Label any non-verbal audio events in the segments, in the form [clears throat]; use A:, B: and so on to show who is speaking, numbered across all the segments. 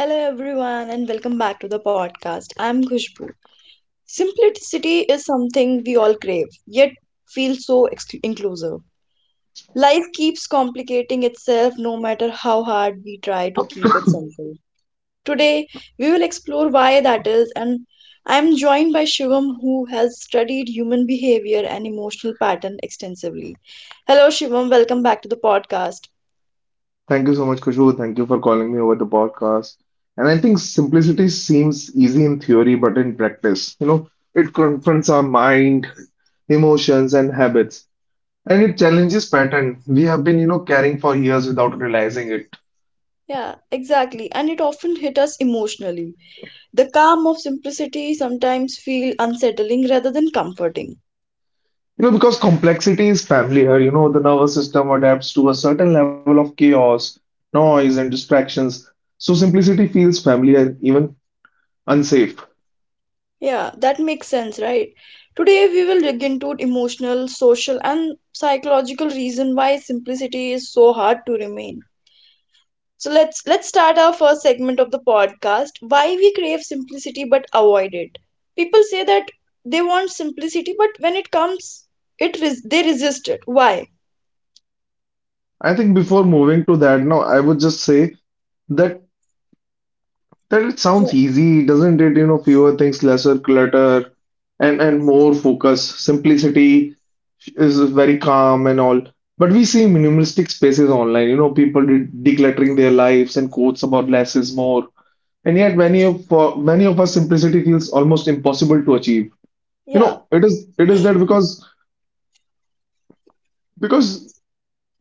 A: Hello, everyone, and welcome back to the podcast. I'm Khushbu. Simplicity is something we all crave, yet feel so inclusive. Life keeps complicating itself no matter how hard we try to keep it simple. Today, we will explore why that is, and I'm joined by Shivam, who has studied human behavior and emotional pattern extensively. Hello, Shivam, welcome back to the podcast.
B: Thank you so much, Kushu. Thank you for calling me over the podcast. And I think simplicity seems easy in theory, but in practice, it confronts our mind, emotions, and habits. And it challenges pattern we have been, carrying for years without realizing it.
A: Yeah, exactly, and it often hit us emotionally. The calm of simplicity sometimes feel unsettling rather than comforting.
B: Because complexity is familiar, the nervous system adapts to a certain level of chaos, noise, and distractions. So simplicity feels familiar, even unsafe.
A: Yeah, that makes sense, right? Today we will dig into emotional, social and psychological reason why simplicity is so hard to remain. So let's start our first segment of the podcast, why we crave simplicity but avoid it. People say that they want simplicity but when it comes they resist it. Why?
B: I think before moving to that, now I would just say that it sounds
A: Yeah.
B: easy, doesn't it? Fewer things, lesser clutter, and more focus. Simplicity is very calm and all. But we see minimalistic spaces online. People decluttering their lives and quotes about less is more. And yet, many of for many of us, simplicity feels almost impossible to achieve. You
A: Yeah.
B: know, it is it is that because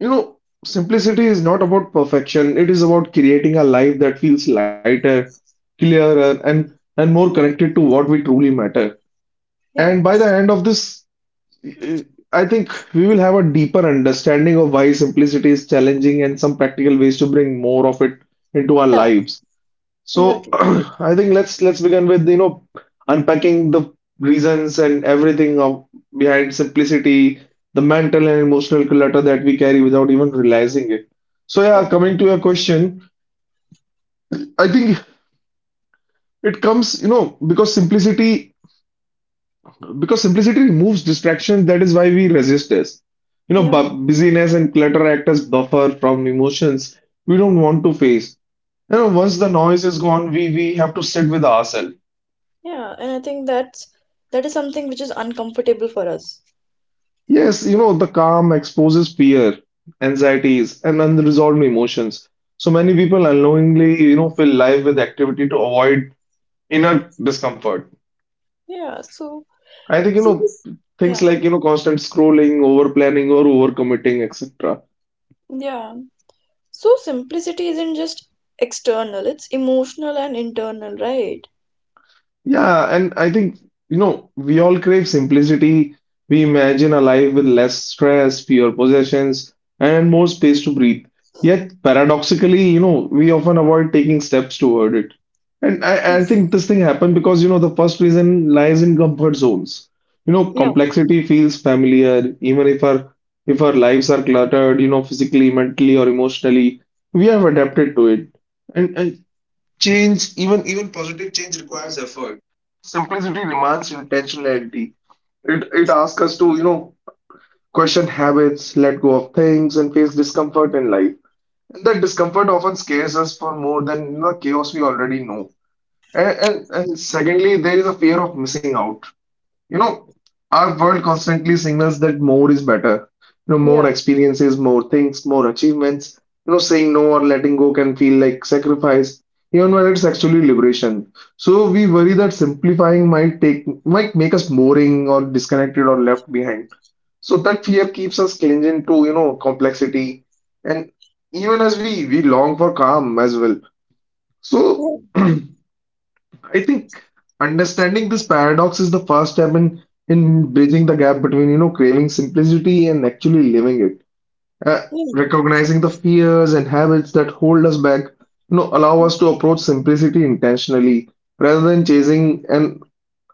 B: You know, simplicity is not about perfection. It is about creating a life that feels lighter, clearer, and more connected to what we truly matter.
A: Yeah.
B: And by the end of this, eh, I think we will have a deeper understanding of why simplicity is challenging and some practical ways to bring more of it into our
A: Yeah,
B: lives. So [clears throat]
A: exactly.
B: I think let's begin with unpacking the reasons and everything of behind simplicity, the mental and emotional clutter that we carry without even realizing it. So
A: Yeah.
B: yeah, coming to your question, I think it comes because simplicity removes distraction. That is why we resist this. You know,
A: Yeah.
B: bu busyness and clutter act as buffer from emotions we don't want to face. Once the noise is gone, we have to sit with ourselves.
A: Yeah, and I think that's that is something which is uncomfortable for us.
B: Yes, the calm exposes fear, anxieties, and unresolved emotions. So many people unknowingly, fill life with activity to avoid inner discomfort.
A: Yeah, so
B: I think,
A: simplic
B: things
A: yeah,
B: like, constant scrolling, over planning, or overcommitting, etc.
A: yeah. So simplicity isn't just external, it's emotional and internal, right?
B: Yeah, and I think, we all crave simplicity. We imagine a life with less stress, fewer possessions, and more space to breathe. Yet, paradoxically, we often avoid taking steps toward it. And I
A: It's,
B: think this thing happened because, the first reason lies in comfort zones. You know,
A: yeah,
B: complexity feels familiar, even if our lives are cluttered, physically, mentally, or emotionally, we have adapted to it. And change, even positive change requires effort. Simplicity demands intentionality. It asks us to, question habits, let go of things, and face discomfort in life. And that discomfort often scares us for more than the chaos we already know. And secondly, there is a fear of missing out. You know, our world constantly signals that more is better. You know,
A: yeah,
B: more experiences, more things, more achievements. Saying no or letting go can feel like sacrifice, even when it's actually liberation. So we worry that simplifying might make us boring or disconnected or left behind. So that fear keeps us clinging to, complexity. And even as we long for calm as well. So
A: yeah,
B: [clears throat] I think understanding this paradox is the first step in bridging the gap between, craving simplicity and actually living it. Uh,
A: yeah.
B: recognizing the fears and habits that hold us back, allow us to approach simplicity intentionally rather than chasing an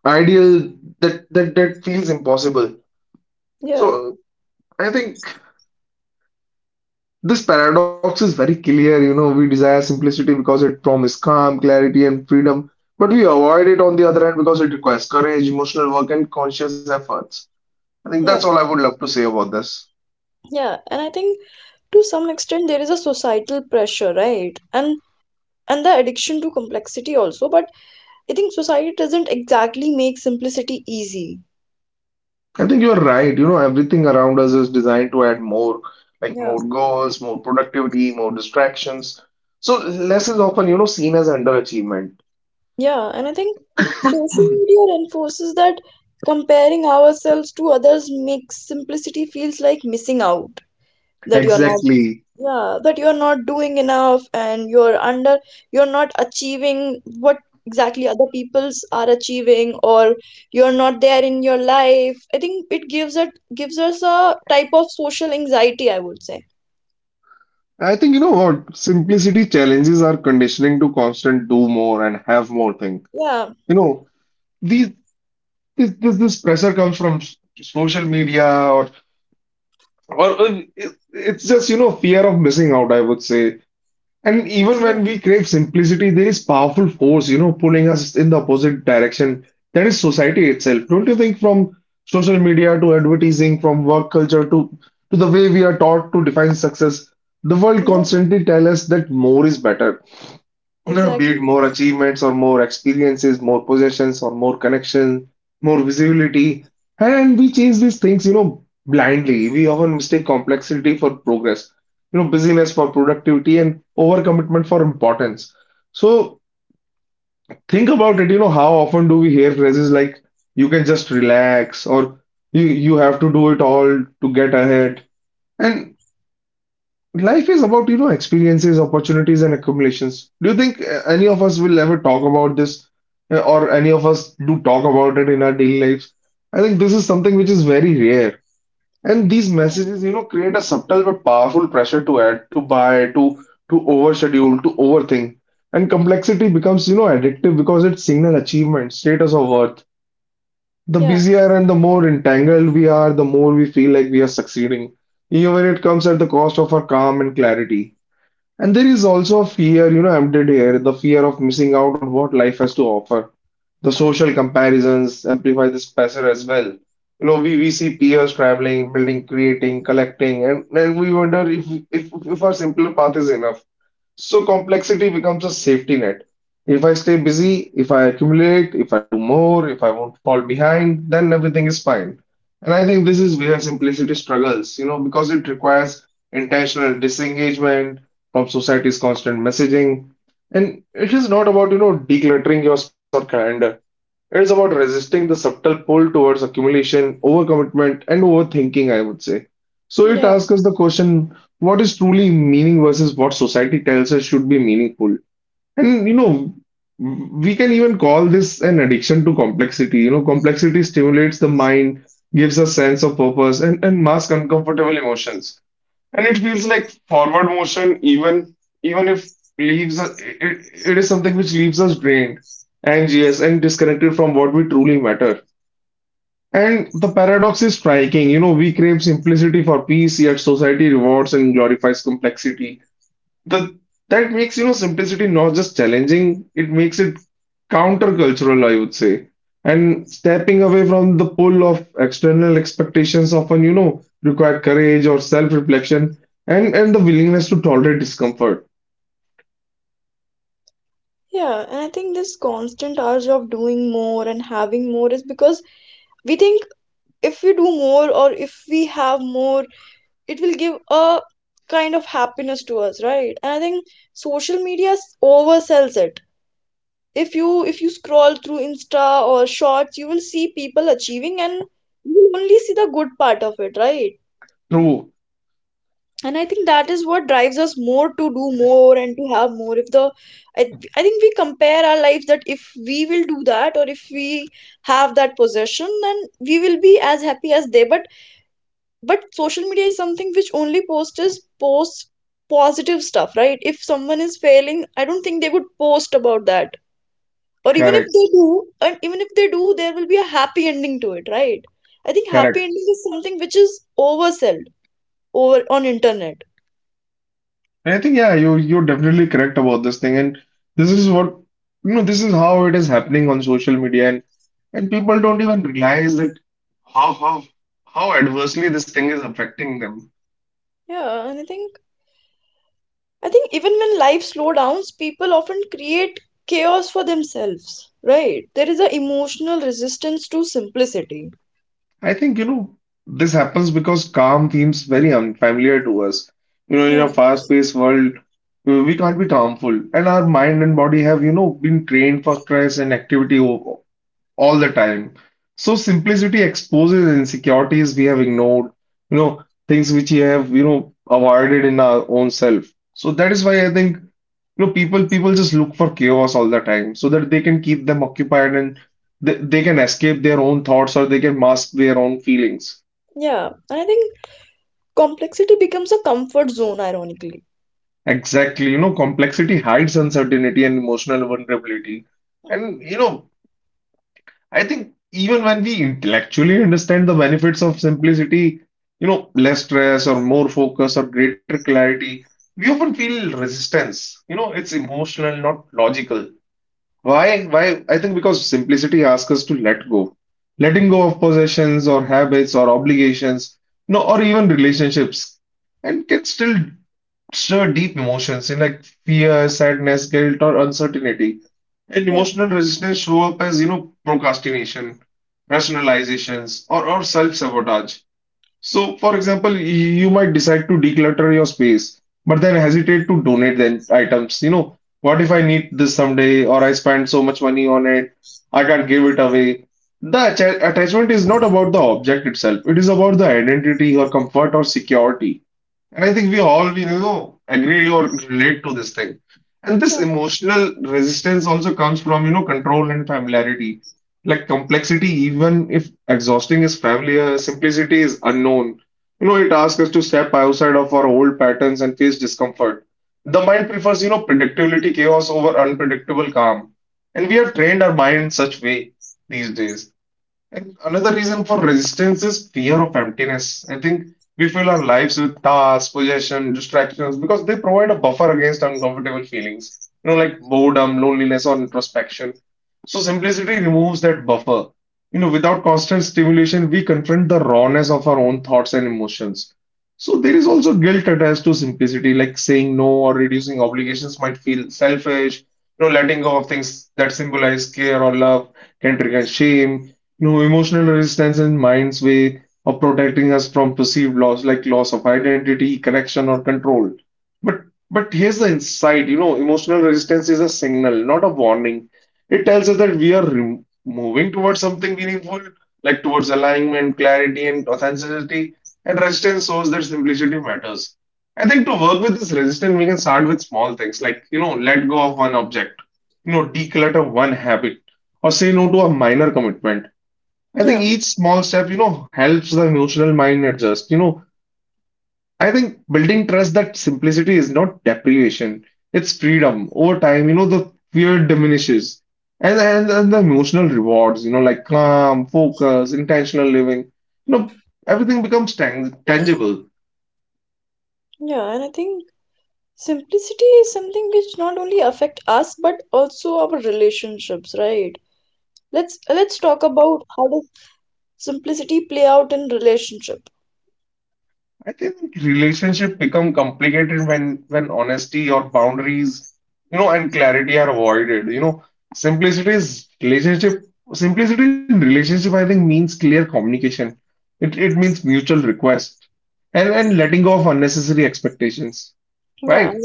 B: ideal that feels impossible.
A: Yeah,
B: So I think. This paradox is very clear. We desire simplicity because it promises calm, clarity, and freedom, but we avoid it on the other hand because it requires courage, emotional work, and conscious efforts. I think that's
A: yeah,
B: all I would love to say about this.
A: yeah. And I think to some extent there is a societal pressure, right? And the addiction to complexity also, but I think society doesn't exactly make simplicity easy.
B: I think you're right. Everything around us is designed to add more, like
A: Yeah.
B: more goals, more productivity, more distractions. So less is often, seen as underachievement.
A: Yeah, and I think social media reinforces that comparing ourselves to others makes simplicity feels like missing out. That you're not,
B: Exactly.
A: yeah, that you're not doing enough and you're not achieving what exactly other people's are achieving or you're not there in your life. I think it gives us a type of social anxiety, I would say.
B: I think you know what? Simplicity challenges our conditioning to constant do more and have more thing.
A: Yeah,
B: You know, these this pressure comes from social media or it's just fear of missing out, I would say. And even
A: yeah,
B: when we crave simplicity, there is powerful force, pulling us in the opposite direction. That is society itself. Don't you think from social media to advertising, from work culture to the way we are taught to define success, the world
A: yeah,
B: constantly tells us that more is better. No, be
A: exactly.
B: it more achievements or more experiences, more possessions or more connection, more visibility. And we chase these things, blindly. We often mistake complexity for progress, busyness for productivity and overcommitment for importance. So think about it, how often do we hear phrases like you can just relax or you have to do it all to get ahead. And life is about, experiences, opportunities, and accumulations. Do you think any of us will ever talk about this, or any of us do talk about it in our daily lives? I think this is something which is very rare. And these
A: Yeah,
B: messages, create a subtle but powerful pressure to add, to buy, to overschedule, to overthink. And complexity becomes, addictive because it signal achievement, status of worth. The busier and the more entangled we are, the more we feel like we are succeeding, even when it comes at the cost of our calm and clarity. And there is also a fear, embedded here, the fear of missing out on what life has to offer. The
A: yeah,
B: social comparisons amplify this pressure as well. We see peers traveling, building, creating, collecting, and we wonder if, if our simpler path is enough. So complexity becomes a safety net. If I stay busy, if I accumulate, if I do more, if I won't fall behind, then everything is fine. And I think this is where simplicity struggles, because it requires intentional disengagement from society's constant messaging. And it is not about, decluttering your space or calendar. It is about resisting the subtle pull towards accumulation, overcommitment, and overthinking, I would say. So it
A: yeah.
B: asks us the question, what is truly meaning versus what society tells us should be meaningful? And we can even call this an addiction to complexity. Complexity stimulates the mind, gives a sense of purpose, and masks uncomfortable emotions. And it feels like forward motion, even if leaves us- it is something which leaves us drained, anxious, and disconnected from what we truly matter. And the paradox is striking. We crave simplicity for peace, yet society rewards and glorifies complexity the that makes simplicity not just challenging. It makes it countercultural, I would say. And stepping away from the pull of external expectations often require courage or self-reflection and the willingness to tolerate discomfort.
A: Yeah, and I think this constant urge of doing more and having more is because we think if we do more or if we have more, it will give a kind of happiness to us, right? And I think oversells it. If you scroll through Insta or Shorts, you will see people achieving and you will only see the good part of it, right?
B: True.
A: And I think that is what drives us more to do more and to have more if the I, I think we compare our lives that if we will do that or if we have that possession then we will be as happy as they, but social media is something which only posts positive stuff, right? If someone is failing, I don't think they would post about that, or even if
B: Correct.
A: they do, and even if they do there will be a happy ending to it, right? I think happy
B: Correct.
A: ending is something which is oversold over on internet.
B: And I think, yeah, you're definitely correct about this thing. And this is what you know this is how it is happening on social media. And people don't even realize that how how how adversely this thing is affecting them.
A: Yeah, and I think. I think even when life slows down, people often create chaos for themselves, right? There is an emotional resistance to simplicity.
B: I think, this happens because calm seems very unfamiliar to us. In
A: Yeah,
B: a fast-paced world, we can't be calmful, and our mind and body have, been trained for stress and activity all the time. So simplicity exposes insecurities we have ignored, you know, things which we have, avoided in our own self. So that is why I think, people just look for chaos all the time so that they can keep them occupied and they can escape their own thoughts or they can mask their own feelings.
A: yeah. And I think complexity becomes a comfort zone, ironically.
B: Exactly, complexity hides uncertainty and emotional vulnerability. And I think even when we intellectually understand the benefits of simplicity, less stress or more focus or greater clarity, we often feel resistance. It's emotional, not logical. Why? Why? I think because simplicity asks us to let go. Letting go of possessions or habits or obligations, or even relationships, and can still stir deep emotions in like fear, sadness, guilt, or uncertainty. And
A: Yeah,
B: emotional resistance show up as, procrastination, rationalizations, or self-sabotage. So, for example, you might decide to declutter your space, but then hesitate to donate the items. What if I need this someday, or I spend so much money on it, I can't give it away. The attachment is not about the object itself, it is about the identity or comfort or security. And I think we agree or relate to this thing. And this
A: yeah,
B: emotional resistance also comes from control and familiarity. Like complexity, even if exhausting is familiar, simplicity is unknown. It asks us to step outside of our old patterns and face discomfort. The mind prefers predictability, chaos over unpredictable calm. And we have trained our mind in such way these days. And another reason for resistance is fear of emptiness. I think we fill our lives with tasks, possession, distractions because they provide a buffer against uncomfortable feelings like boredom, loneliness, or introspection. So simplicity removes that buffer. Without constant stimulation, we confront the rawness of our own thoughts and emotions. So there is also guilt attached to simplicity, like saying no or reducing obligations might feel selfish. Letting go of things that symbolize care or love can trigger shame. No, emotional resistance is mind's way of protecting us from perceived loss, like loss of identity, correction, or control. But but here's the insight emotional resistance is a signal, not a warning. It tells us that we are moving towards something meaningful, like towards alignment, clarity, and authenticity. And resistance shows that simplicity matters. I think to work with this resistance, we can start with small things, like let go of one object, declutter one habit, or say no to a minor commitment. I think
A: yeah,
B: each small step helps the emotional mind adjust. I think building trust that simplicity is not deprivation, it's freedom. Over time the fear diminishes. And the emotional rewards, like calm, focus, intentional living, you know, everything becomes tangible.
A: yeah. And I think simplicity is something which not only affect us but also our relationships, right? Let's talk about how does simplicity play out in relationship.
B: I think relationship become complicated when honesty or boundaries and clarity are avoided. Simplicity is relationship. Simplicity in relationship, I think, means clear communication. It means mutual request and letting go of unnecessary expectations.
A: Yeah,
B: Right?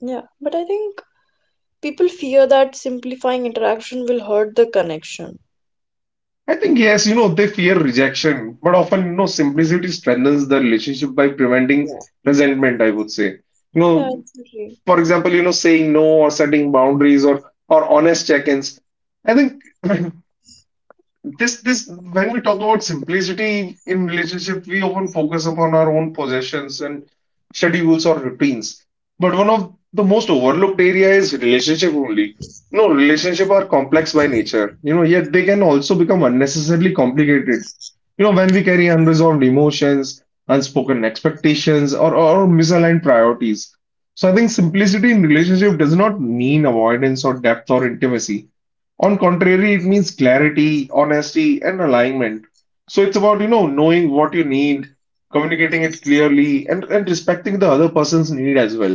A: yeah. But I think people fear that simplifying interaction will hurt the connection.
B: I think yes, they fear rejection, but often simplicity strengthens the relationship by preventing
A: Yeah.
B: resentment, I would say. You
A: Yeah,
B: know,
A: exactly.
B: for example saying no or setting boundaries or honest check-ins, I think. [laughs] When we talk about simplicity in relationship, we often focus upon our own possessions and schedules or routines. But one of the most overlooked area is relationship only. No, relationship are complex by nature, yet they can also become unnecessarily complicated. When we carry unresolved emotions, unspoken expectations, or misaligned priorities. So I think simplicity in relationship does not mean avoidance or depth or intimacy. On contrary, it means clarity, honesty, and alignment. So it's about knowing what you need, communicating it clearly, and respecting the other person's need as well.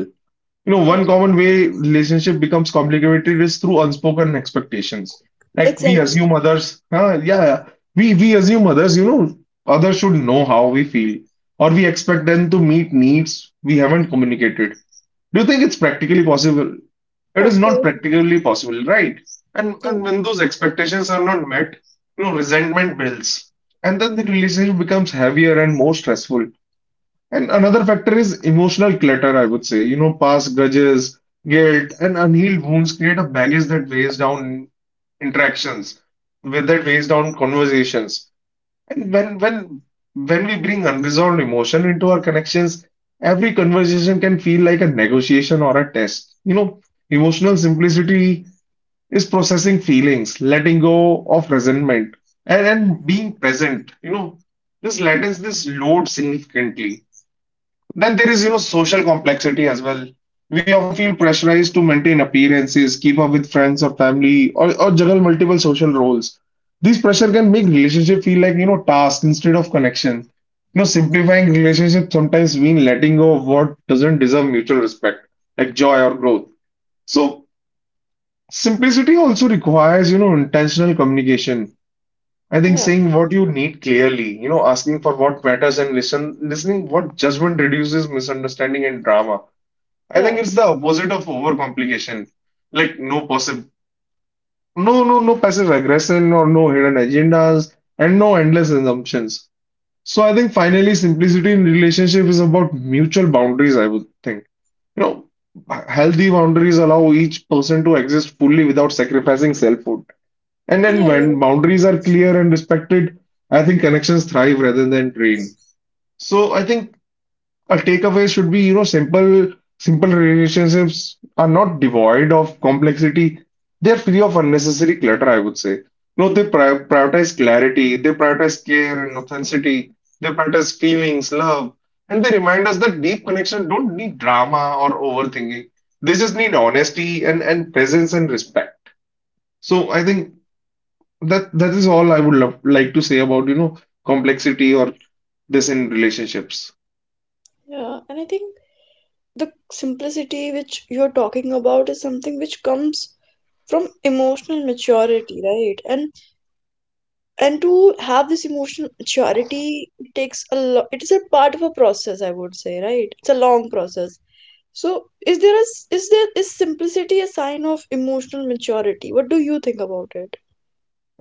B: You know,
A: Yeah.
B: one common way relationship becomes complicated is through unspoken expectations. Like we
A: Exactly.
B: assume others, yeah, we assume others, others should know how we feel, or we expect them to meet needs we haven't communicated. Do you think it's practically possible? It is
A: Of
B: not
A: course.
B: practically possible, right? And
A: Yeah.
B: and when those expectations are not met, resentment builds. And then the relationship becomes heavier and more stressful. And another factor is emotional clutter, I would say. Past grudges, guilt, and unhealed wounds create a baggage that weighs down interactions, with that weighs down conversations. And when we bring unresolved emotion into our connections, every conversation can feel like a negotiation or a test. Emotional simplicity is processing feelings, letting go of resentment, and being present. This lightens this load significantly. Then there is social complexity as well. We often feel pressurized to maintain appearances, keep up with friends or family, or juggle multiple social roles. This pressure can make relationship feel like task instead of connection. Simplifying relationships sometimes mean letting go of what doesn't deserve mutual respect, like joy or growth. So simplicity also requires intentional communication. I think
A: Yeah.
B: saying what you need clearly, asking for what matters and listening what judgment reduces misunderstanding and drama. I
A: Yeah.
B: think it's the opposite of overcomplication. Like no possible, no, no, no passive aggression or no hidden agendas and no endless assumptions. So I think finally simplicity in relationship is about mutual boundaries, I would think. You know, healthy boundaries allow each person to exist fully without sacrificing selfhood. And then
A: Yeah.
B: when boundaries are clear and respected, I think connections thrive rather than drain. So I think a takeaway should be. Simple relationships are not devoid of complexity. They're free of unnecessary clutter, I would say. No, they prioritize clarity, they prioritize care and authenticity, they prioritize feelings, love, and they remind us that deep connection don't need drama or overthinking. They just need honesty and presence and respect. So I think that is all I would love, like to say about, complexity or this in relationships.
A: Yeah. And I think the simplicity which you're talking about is something which comes from emotional maturity, right? And to have this emotional maturity it takes a lot, it is a part of a process, I would say, right? It's a long process. So, is there is simplicity a sign of emotional maturity? What do you think about it?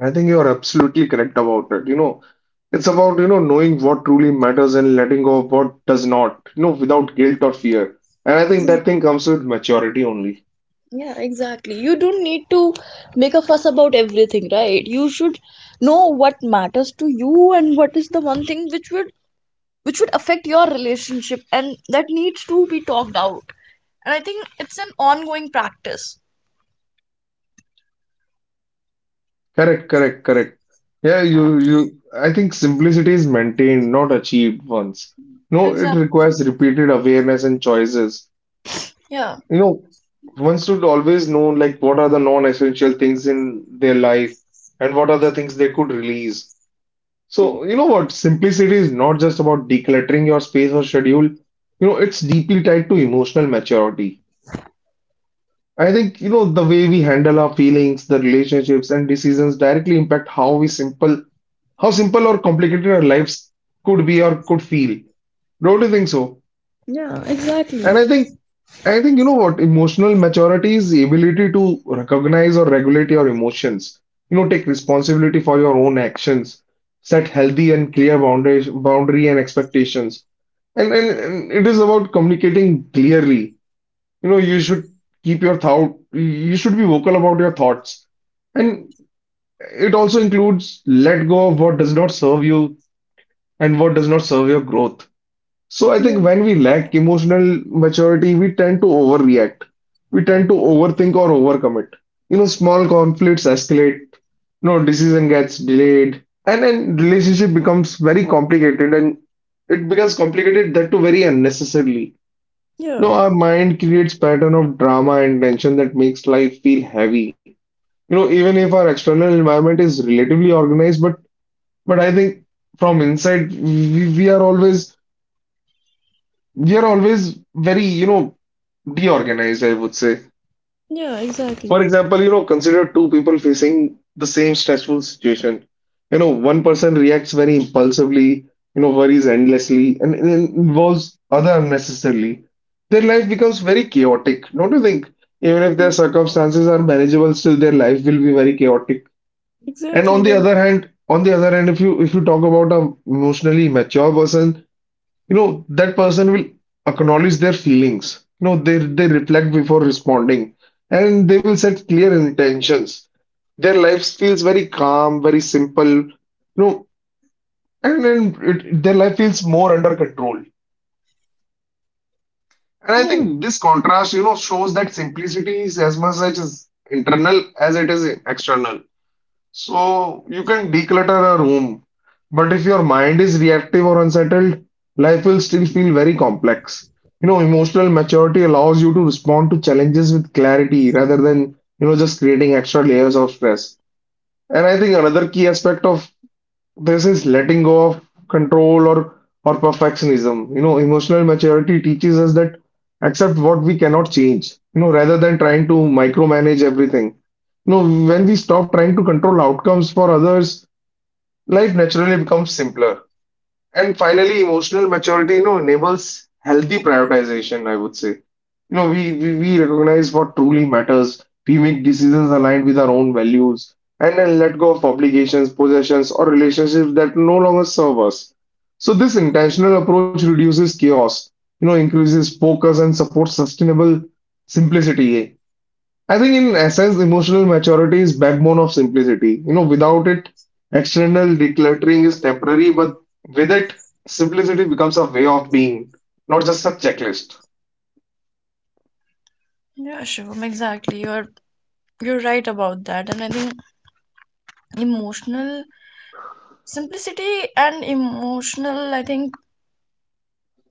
B: I think you're absolutely correct about it. It's about knowing what truly matters and letting go of what does not, without guilt or fear. And I think that thing
A: Mm.
B: comes with maturity only.
A: Yeah, exactly. You don't need to make a fuss about everything, right? You should know what matters to you and what is the one thing which would affect your relationship and that needs to be talked out. And I think it's an ongoing practice.
B: Correct, correct, correct. Yeah,
A: Yeah,
B: I think simplicity is maintained, not achieved once. No, it
A: exactly.
B: requires repeated awareness and choices.
A: Yeah.
B: You know, one should always know, like, what are the non-essential things in their life and what are the things they could release.
A: Yeah,
B: So, you know what? Simplicity is not just about decluttering your space or schedule. It's deeply tied to emotional maturity. I think, the way we handle our feelings, the relationships and decisions directly impact how simple or complicated our lives could be or could feel. Don't you think so?
A: yeah, exactly.
B: And I think emotional maturity is the ability to recognize or regulate your emotions. Take responsibility for your own actions, set healthy and clear boundaries, boundary and expectations. And it is about communicating clearly. You should keep your thought, you should be vocal about your thoughts. And it also includes let go of what does not serve you and what does not serve your growth. So I
A: Yeah.
B: think when we lack emotional maturity, we tend to overreact. We tend to overthink or overcommit. Small conflicts escalate, decision gets delayed, and then relationship becomes very complicated and it becomes complicated that too very unnecessarily. You
A: Yeah,
B: know, our mind creates pattern of drama and tension that makes life feel heavy. Even if our external environment is relatively organized, but I think from inside we are always very, deorganized, I would say.
A: yeah,
B: For
A: exactly,
B: example, consider two people facing the same stressful situation. One person reacts very impulsively, worries endlessly, and involves other unnecessarily. Their life becomes very chaotic, don't you think? Even if their circumstances are manageable, still their life will be very chaotic. And
A: exactly.
B: on the
A: Then,
B: other hand, on the other hand, if you talk about a emotionally mature person, you know that person will acknowledge their feelings. You know They reflect before responding, and they will set clear intentions. Their life feels very calm, very simple, you know And then their life feels more under control. And I
A: yeah.
B: think this contrast shows that simplicity is as much as internal as it is external. So you can declutter a room, but if your mind is reactive or unsettled, life will still feel very complex. Emotional maturity allows you to respond to challenges with clarity rather than just creating extra layers of stress. And I think another key aspect of this is letting go of control or perfectionism. Emotional maturity teaches us that accept what we cannot change, rather than trying to micromanage everything. You know, when we stop trying to control outcomes for others, life naturally becomes simpler. And finally, emotional maturity, enables healthy prioritization, I would say. We recognize what truly matters. We make decisions aligned with our own values and then let go of obligations, possessions, or relationships that no longer serve us. So this intentional approach reduces chaos, increases focus and supports sustainable simplicity. I think in essence, emotional maturity is backbone of simplicity. Without it, external decluttering is temporary, but with it, simplicity becomes a way of being, not just a checklist.
A: Yeah, Shivam, exactly. You're right about that. And I think emotional simplicity and emotional, I think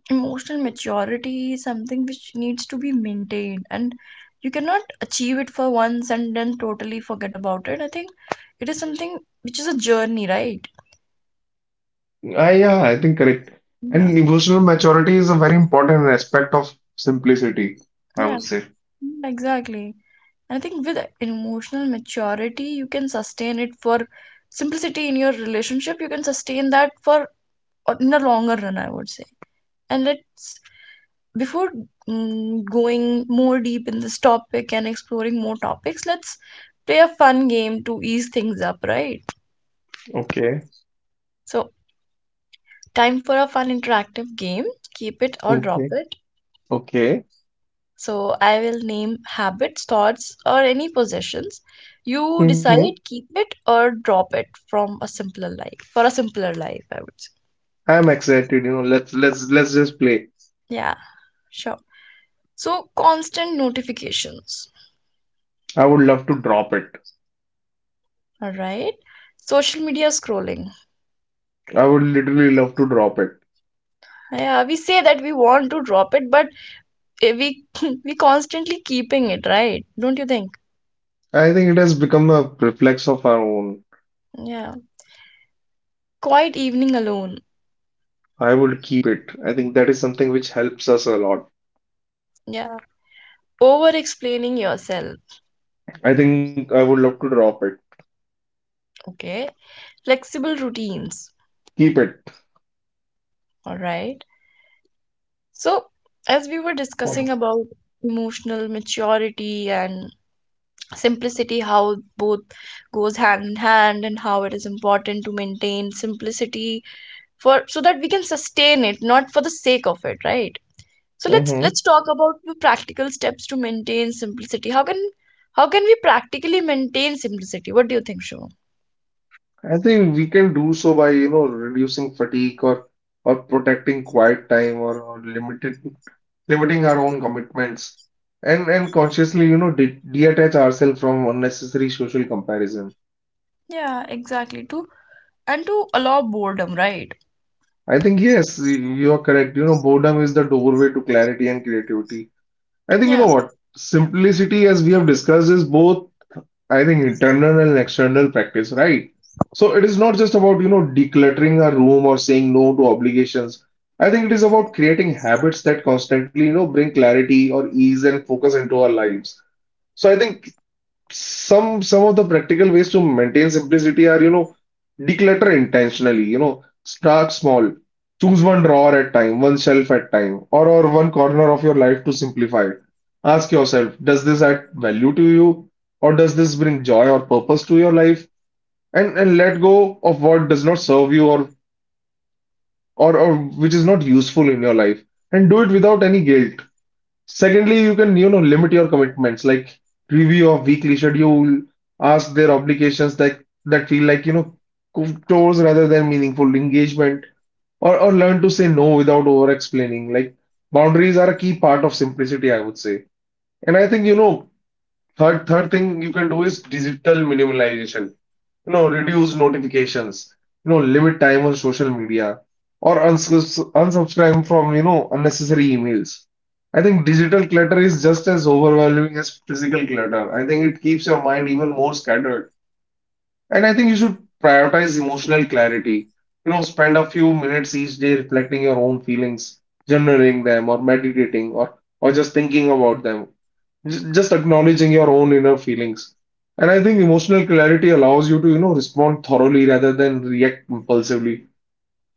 A: emotional maturity is something which needs to be maintained. And you cannot achieve it for once and then totally forget about it. I think it is something which is a journey, right?
B: Yeah, I think correct. And
A: Yeah,
B: emotional maturity is a very important aspect of simplicity, I would
A: yeah,
B: say.
A: exactly. I think with emotional maturity, you can sustain it for simplicity in your relationship. You can sustain that for in the longer run, I would say. And let's, before going more deep in this topic and exploring more topics, let's play a fun game to ease things up, right?
B: Okay,
A: So, time for a fun interactive game. Keep it or drop
B: okay,
A: it.
B: okay.
A: So, I will name habits, thoughts, or any possessions. You
B: hmm
A: decide keep it or drop it from a simpler life. For a simpler life, I would say.
B: I'm excited. Let's just play.
A: Yeah, sure. So, constant notifications.
B: I would love to drop it.
A: All right. Social media scrolling.
B: I would literally love to drop it.
A: Yeah, we say that we want to drop it, but we [laughs] we constantly keeping it, right? Don't you think?
B: I think it has become a reflex of our own.
A: Yeah. Quiet evening alone.
B: I would keep it. I think that is something which helps us a lot.
A: Yeah. Over explaining yourself.
B: I think I would love to drop it.
A: Okay. Flexible routines.
B: Keep it.
A: All right. So, as we were discussing about emotional maturity and simplicity, how both goes hand in hand, and how it is important to maintain simplicity for so that we can sustain it, not for the sake of it, right? So let's
B: hmm
A: talk about the practical steps to maintain simplicity. How can we practically maintain simplicity, what do you think, Shivam?
B: I think we can do so by, reducing fatigue or protecting quiet time or limited limiting our own commitments and consciously, de detach ourselves from unnecessary social comparison.
A: Yeah, exactly. To and to allow boredom, right?
B: I think yes, you are correct. You know, boredom is the doorway to clarity and creativity. I think you
A: Yeah.
B: know what? Simplicity, as we have discussed, is both I think internal and external practice, right? So it is not just about, decluttering a room or saying no to obligations. I think it is about creating habits that constantly, bring clarity or ease and focus into our lives. So I think some of the practical ways to maintain simplicity are, declutter intentionally, start small, choose one drawer at time, one shelf at time, or one corner of your life to simplify. Ask yourself, does this add value to you, or does this bring joy or purpose to your life, and let go of what does not serve you, or which is not useful in your life, and do it without any guilt. Secondly, you can, limit your commitments, like review of weekly schedule, ask their obligations that feel like, chores rather than meaningful engagement, or learn to say no without over explaining. Like, boundaries are a key part of simplicity, I would say. And I think, third third thing you can do is digital minimalization. Reduce notifications, limit time on social media, or unsubscribe from, unnecessary emails. I think digital clutter is just as overwhelming as physical clutter. I think it keeps your mind even more scattered. And I think you should prioritize emotional clarity. You know, spend a few minutes each day reflecting your own feelings, journaling them, or meditating, or just thinking about them. Just acknowledging your own inner feelings. And I think emotional clarity allows you to, respond thoroughly rather than react impulsively.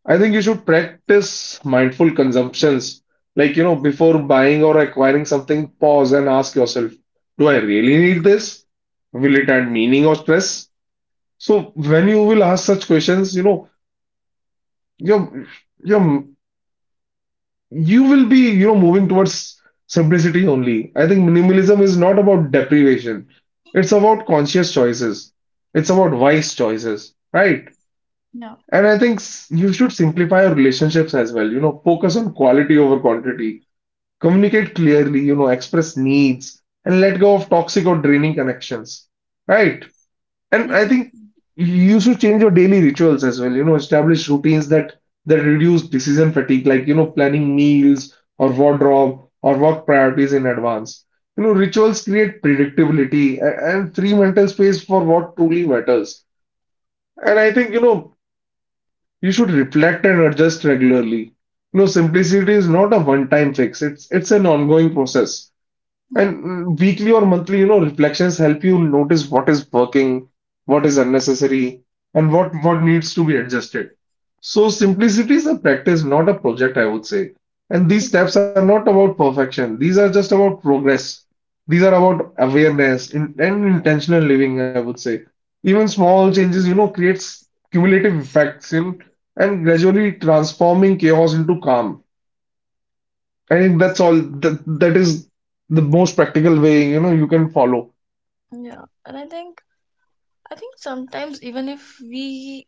B: I think you should practice mindful consumptions. Like, before buying or acquiring something, pause and ask yourself, do I really need this? Will it add meaning or stress? So when you will ask such questions, your your you will be, moving towards simplicity only. I think minimalism is not about deprivation, it's about conscious choices, it's about wise choices, right?
A: Yeah,
B: And I think you should simplify your relationships as well. You know, focus on quality over quantity, communicate clearly, express needs, and let go of toxic or draining connections, right? And I think
A: exactly.
B: you should change your daily rituals as well. You know, establish routines that reduce decision fatigue, like, planning meals or wardrobe or work priorities in advance. You know, rituals create predictability and free mental space for what truly matters. And I think, you should reflect and adjust regularly. You know, simplicity is not a one-time fix. It's an ongoing process.
A: Yeah,
B: And weekly or monthly, reflections help you notice what is working, what is unnecessary, and what needs to be adjusted. So simplicity is a practice, not a project, I would say. And these steps are
A: exactly.
B: not about perfection. These are just about progress. These are about awareness and intentional living, I would say. Even small changes, creates cumulative effects in and gradually transforming chaos into calm. I think that's all that is the most practical way, you can follow.
A: Yeah, and I think. I think sometimes even if we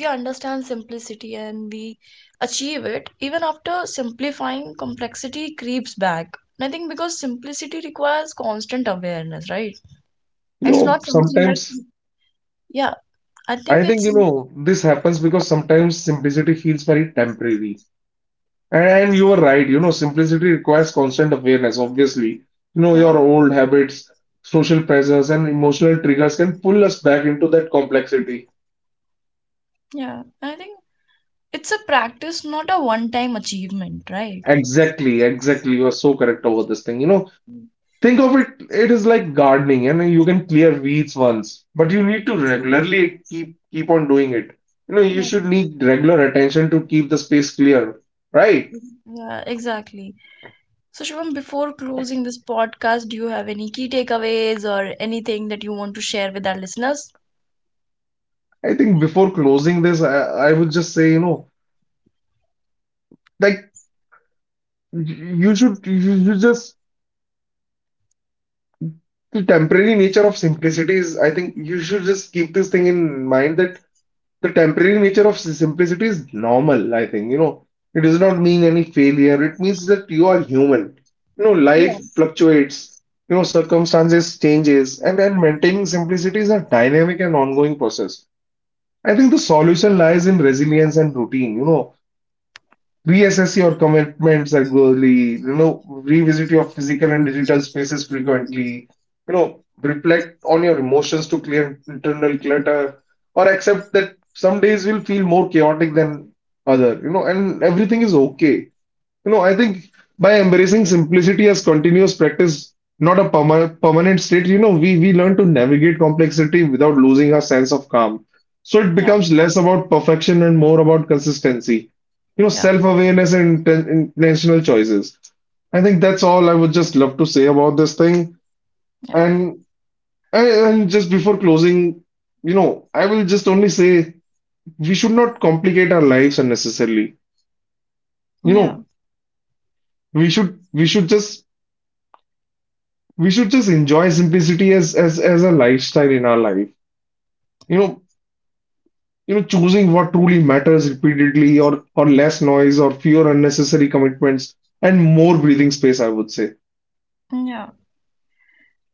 A: we understand simplicity and we achieve it, even after simplifying, complexity creeps back, and I think because simplicity requires constant awareness, right?
B: You
A: It's
B: know,
A: not something that,
B: sometimes
A: yeah, I think
B: I think,
A: it's,
B: this happens because sometimes simplicity feels very temporary. And you are right, simplicity requires constant awareness, obviously. You know,
A: yeah,
B: your old habits, social pressures, and emotional triggers can pull us back into that complexity.
A: yeah. I think it's a practice, not a one-time achievement, right?
B: Exactly, exactly. You are so correct about this thing. You know,
A: Mm.
B: think of it, it is like gardening, and you can clear weeds once, but you need to regularly keep on doing it. You know, you
A: Yeah,
B: should need regular attention to keep the space clear, right?
A: yeah, exactly. So, Shivam, before closing this podcast, do you have any key takeaways or anything that you want to share with our listeners?
B: I think before closing this, I would just say, like, you should just the temporary nature of simplicity is, I think you should just keep this thing in mind that the temporary nature of simplicity is normal, I think. You know, it does not mean any failure. It means that you are human. You know,
A: Yeah,
B: life fluctuates, circumstances changes, and maintaining simplicity is a dynamic and ongoing process. I think the solution lies in resilience and routine. You know, reassess your commitments regularly, revisit your physical and digital spaces frequently, reflect on your emotions to clear internal clutter, or accept that some days will feel more chaotic than other, and everything is okay. You know, I think by embracing simplicity as continuous practice, not a permanent state, we learn to navigate complexity without losing our sense of calm. So it
A: yeah,
B: becomes less about perfection and more about consistency,
A: yeah,
B: self-awareness and intentional choices. I think that's all I would just love to say about this thing.
A: yeah,
B: And just before closing, I will just only say we should not complicate our lives unnecessarily. You
A: yeah,
B: know, we should we should just we should just enjoy simplicity as a lifestyle in our life. You know, choosing what truly matters repeatedly, or less noise or fewer unnecessary commitments, and more breathing space, I would say.
A: yeah.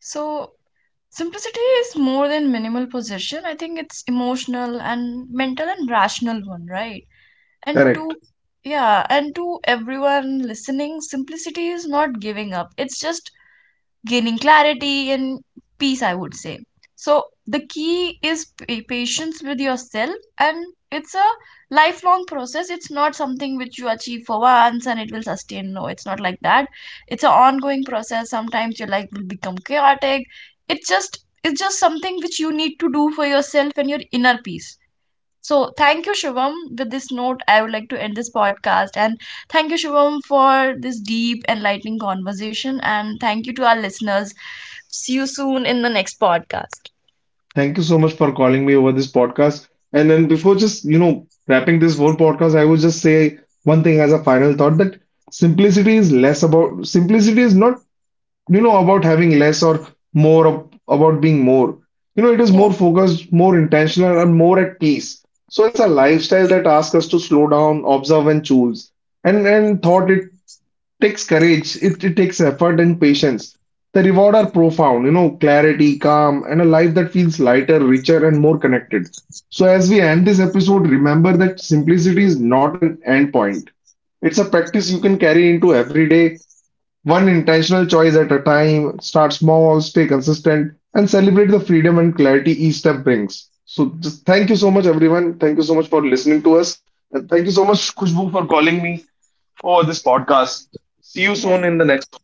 A: So, simplicity is more than minimal possession. I think it's emotional and mental and rational one, right? And
B: Correct.
A: to, yeah, and to everyone listening, simplicity is not giving up, it's just gaining clarity and peace, I would say. So the key is patience with yourself, and it's a lifelong process. It's not something which you achieve for once and it will sustain. No, it's not like that. It's an ongoing process. Sometimes your life will become chaotic. It's just something which you need to do for yourself and your inner peace. So thank you, Shivam. With this note, I would like to end this podcast. And thank you, Shivam, for this deep, enlightening conversation. And thank you to our listeners. See you soon in the next podcast.
B: Thank you so much for calling me over this podcast. And then, before just, wrapping this whole podcast, I would just say one thing as a final thought, that simplicity is less about, simplicity is not, about having less or more, about being more. You know, it is
A: Yeah.
B: more focused, more intentional, and more at peace. So it's a lifestyle that asks us to slow down, observe, and choose. And thought, it takes courage, it takes effort and patience. The reward are profound. You know, clarity, calm, and a life that feels lighter, richer, and more connected. So as we end this episode, remember that simplicity is not an end point. It's a practice you can carry into every day, one intentional choice at a time. Start small, stay consistent, and celebrate the freedom and clarity each step brings. So, just thank you so much, everyone. Thank you so much for listening to us. And thank you so much, Khushbu, for calling me over this podcast. See you
A: Yeah.
B: soon in the next.